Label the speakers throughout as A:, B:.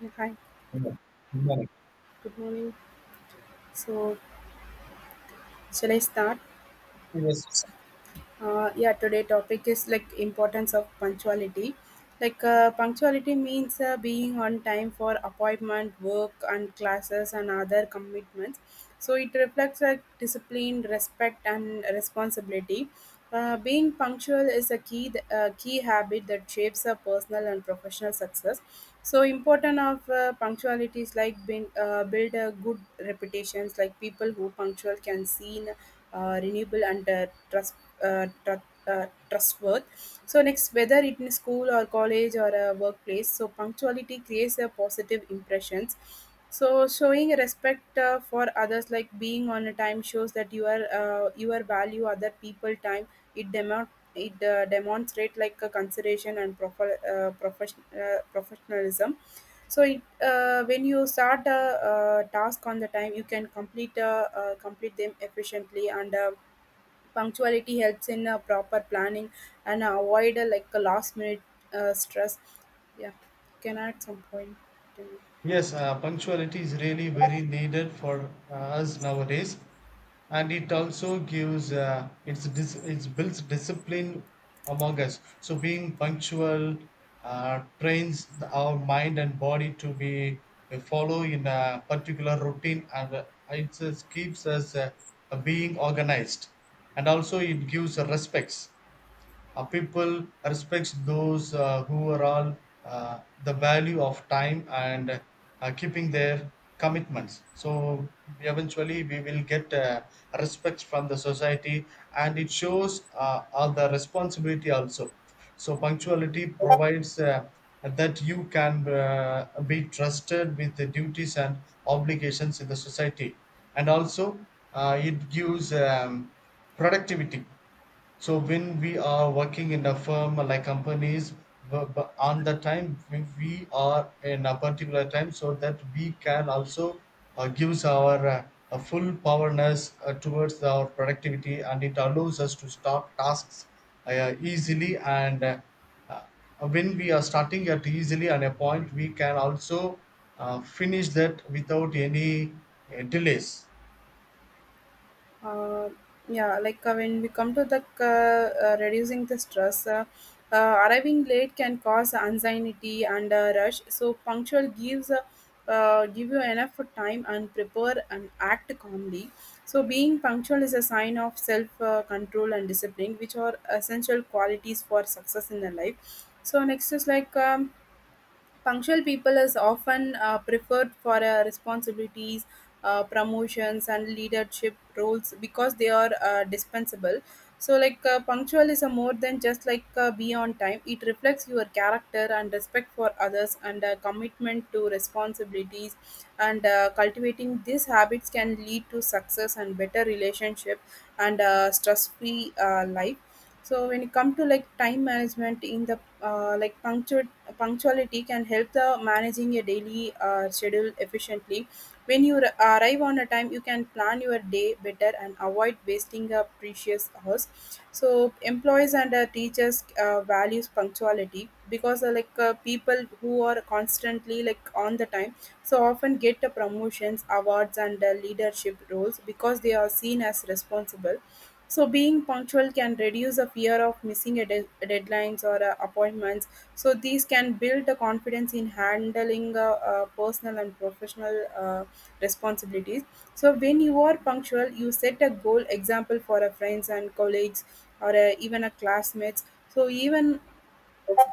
A: Yeah, hi,
B: Human- human
A: good morning. So, shall I start?
B: experience.
A: Yeah, today topic is like importance of punctuality. Like punctuality means being on time for appointment work and classes and other commitments, so it reflects like discipline respect and responsibility. Being punctual is a key key habit that shapes a personal and professional success. So important of punctuality is like being, build a good reputations, like people who punctual can seen renewable and trust, uh, tr- trustworth. So next, whether it in school or college or a workplace, so punctuality creates a positive impressions. So showing respect for others, like being on a time, shows that you are value other people time. It demo it demonstrate like a consideration and proper professionalism. So when you start a task on the time, you can complete complete them efficiently and punctuality helps in proper planning and avoid like a last minute stress. Yeah, can add some point to me.
B: Yes, punctuality is really very needed for us nowadays, and it also gives it builds discipline among us. So being punctual trains our mind and body to be follow in a particular routine, and it just keeps us being organized, and also it gives respects. People respects those who are all the value of time and keeping their commitments so eventually we will get respect from the society and it shows all the responsibility also so punctuality provides that you can be trusted with the duties and obligations in the society and also it gives productivity so when we are working in a firm like companies, on the time we are in a particular time, so that we can also gives our a full powerness towards our productivity, and it allows us to start tasks easily. And uh, when we are starting at easily on a point, we can also finish that without any delays.
A: uh, yeah, like when we come to the reducing the stress, arriving late can cause anxiety and rush, so punctual give you enough time and prepare and act calmly. So being punctual is a sign of self control and discipline, which are essential qualities for success in the life. So next is like punctual people is often preferred for responsibilities, promotions, and leadership roles because they are dispensable. So, like punctual is a more than just like be on time. It reflects your character and respect for others and commitment to responsibilities. And cultivating these habits can lead to success and better relationship and stress-free life. So when it come to like time management in the like punctuality can help the managing your daily schedule efficiently. When you arrive on a time, you can plan your day better and avoid wasting a precious hours. So employees and teachers values punctuality because people who are constantly like on the time so often get promotions awards and leadership roles because they are seen as responsible. So being punctual can reduce a fear of missing a deadlines or appointments. So these can build the confidence in handling personal and professional responsibilities. So when you are punctual, you set a goal example for a friends and colleagues or even a classmates. So even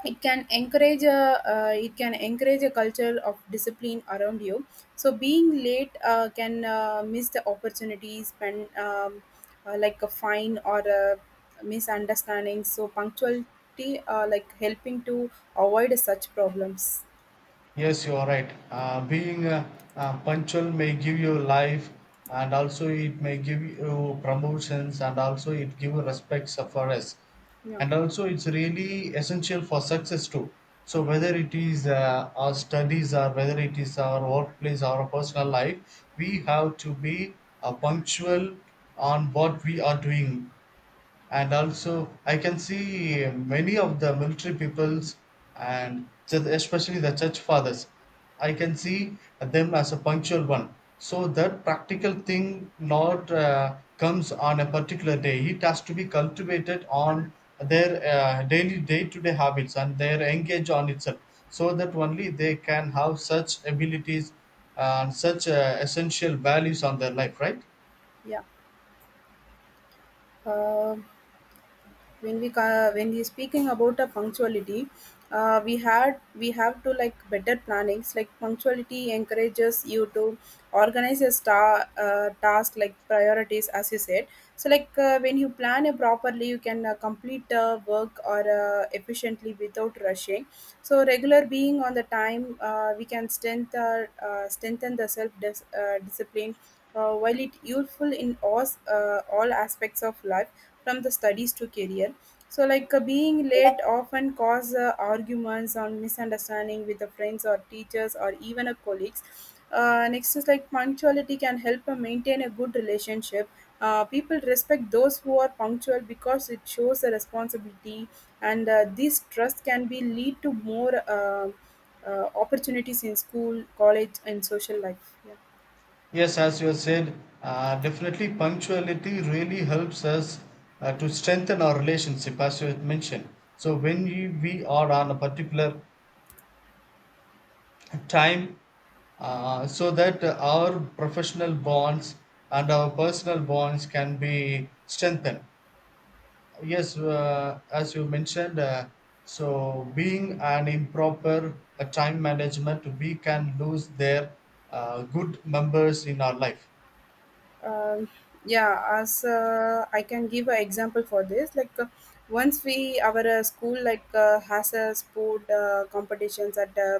A: it can encourage a culture of discipline around you. So being late can miss the opportunities spend like a fine or a misunderstanding, so punctuality like helping to avoid such problems.
B: Yes, you are right. Being punctual may give you life, and also it may give you promotions, and also it give you respect for us,
A: Yeah,
B: and also it's really essential for success too. So whether it is our studies or whether it is our workplace or our personal life, we have to be punctual on what we are doing, and also I can see many of the military peoples and especially the church fathers. I can see them as a punctual one. So that practical thing not comes on a particular day. It has to be cultivated on their daily day-to-day habits and their engage on itself, so that only they can have such abilities and such essential values on their life. Right?
A: yeah. Um when we when we speaking about a punctuality, we have to like better plannings, like punctuality encourages you to organize a star task like priorities, as you said. So like when you plan it properly, you can complete work or efficiently without rushing. So regular being on the time we can strengthen the self discipline, while it useful in all aspects of life from the studies to career. So like being late often cause arguments or misunderstanding with the friends or teachers or even a colleagues. Next is like punctuality can help maintain a good relationship. People respect those who are punctual because it shows a responsibility, and this trust can be lead to more opportunities in school college and social life. Yeah.
B: Yes, as you have said, definitely punctuality really helps us to strengthen our relationship, as you had mentioned. So when we are on a particular time, so that our professional bonds and our personal bonds can be strengthened. Yes, as you mentioned, so being an improper time management, we can lose their good members in our life.
A: Um, yeah, as I can give an example for this. Like once we our school like has a sport competitions at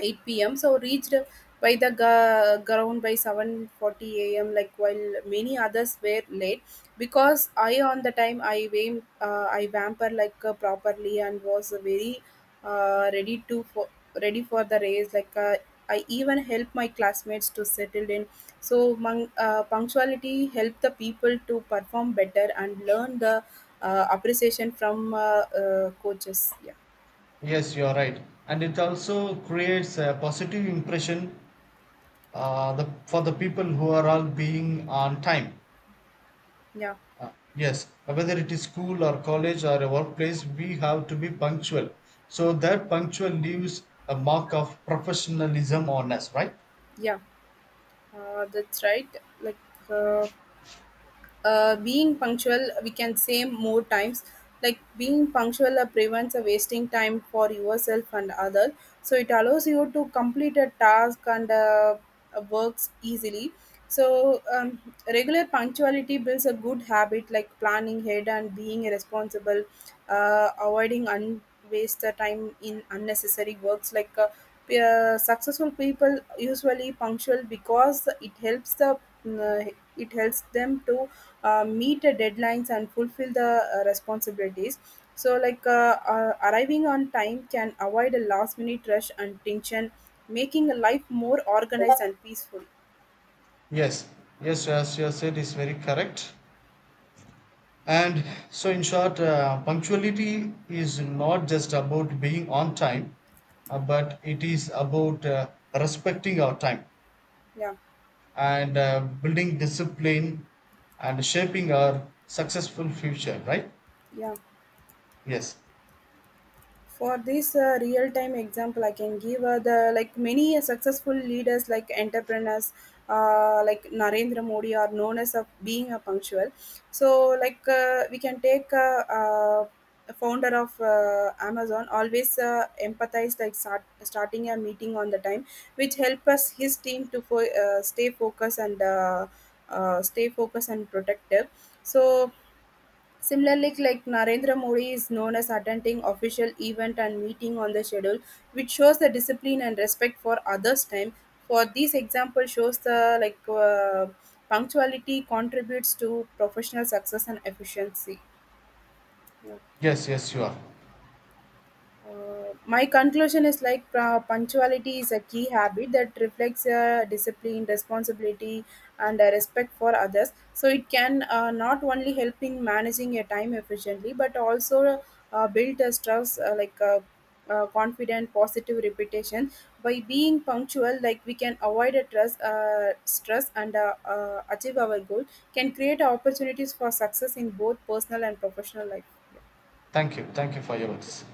A: 8 p.m. So reached by the ground by 7:40 a.m. Like while many others were late, because I on the time I vamper like properly and was very uh, ready to for ready for the race. Like I even helped my classmates to settle in. So punctuality helped the people to perform better and learn the appreciation from coaches. Yeah,
B: Yes, you are right. And it also creates a positive impression for the people who are all being on time.
A: yeah,
B: Yes, whether it is school or college or a workplace, we have to be punctual. So that punctual leaves a mark of professionalism on us, right?
A: yeah. That's right. Like uh, being punctual we can say more times, like being punctual prevents wasting time for yourself and other. So it allows you to complete a task and works easily. So regular punctuality builds a good habit like planning ahead and being responsible, avoiding waste time in unnecessary works. Like successful people usually punctual because uh, it helps them to meet the deadlines and fulfill the responsibilities. So like arriving on time can avoid a last minute rush and tension, making life more organized and peaceful.
B: Yes, yes, as you have said, is very correct. And so, in short, punctuality is not just about being on time, but it is about respecting our time,
A: Yeah,
B: and building discipline and shaping our successful future, right?
A: yeah.
B: yes
A: For this real time example, I can give the like many successful leaders like entrepreneurs, like Narendra Modi, are known as of being a punctual. So like we can take the founder of Amazon, always empathize like starting a meeting on the time, which help us his team to stay focused and protective. So similarly, like Narendra Modi is known as attending official event and meeting on the schedule, which shows the discipline and respect for others' time. For these example shows the like uh, punctuality contributes to professional success and efficiency.
B: yes yes, you are.
A: My conclusion is like punctuality is a key habit that reflects discipline responsibility and respect for others. So it can not only help in managing your time efficiently but also build a trust like a, confident positive reputation. By being punctual, like we can avoid a stress and achieve our goal, can create opportunities for success in both personal and professional life.
B: Thank you, thank you for your words.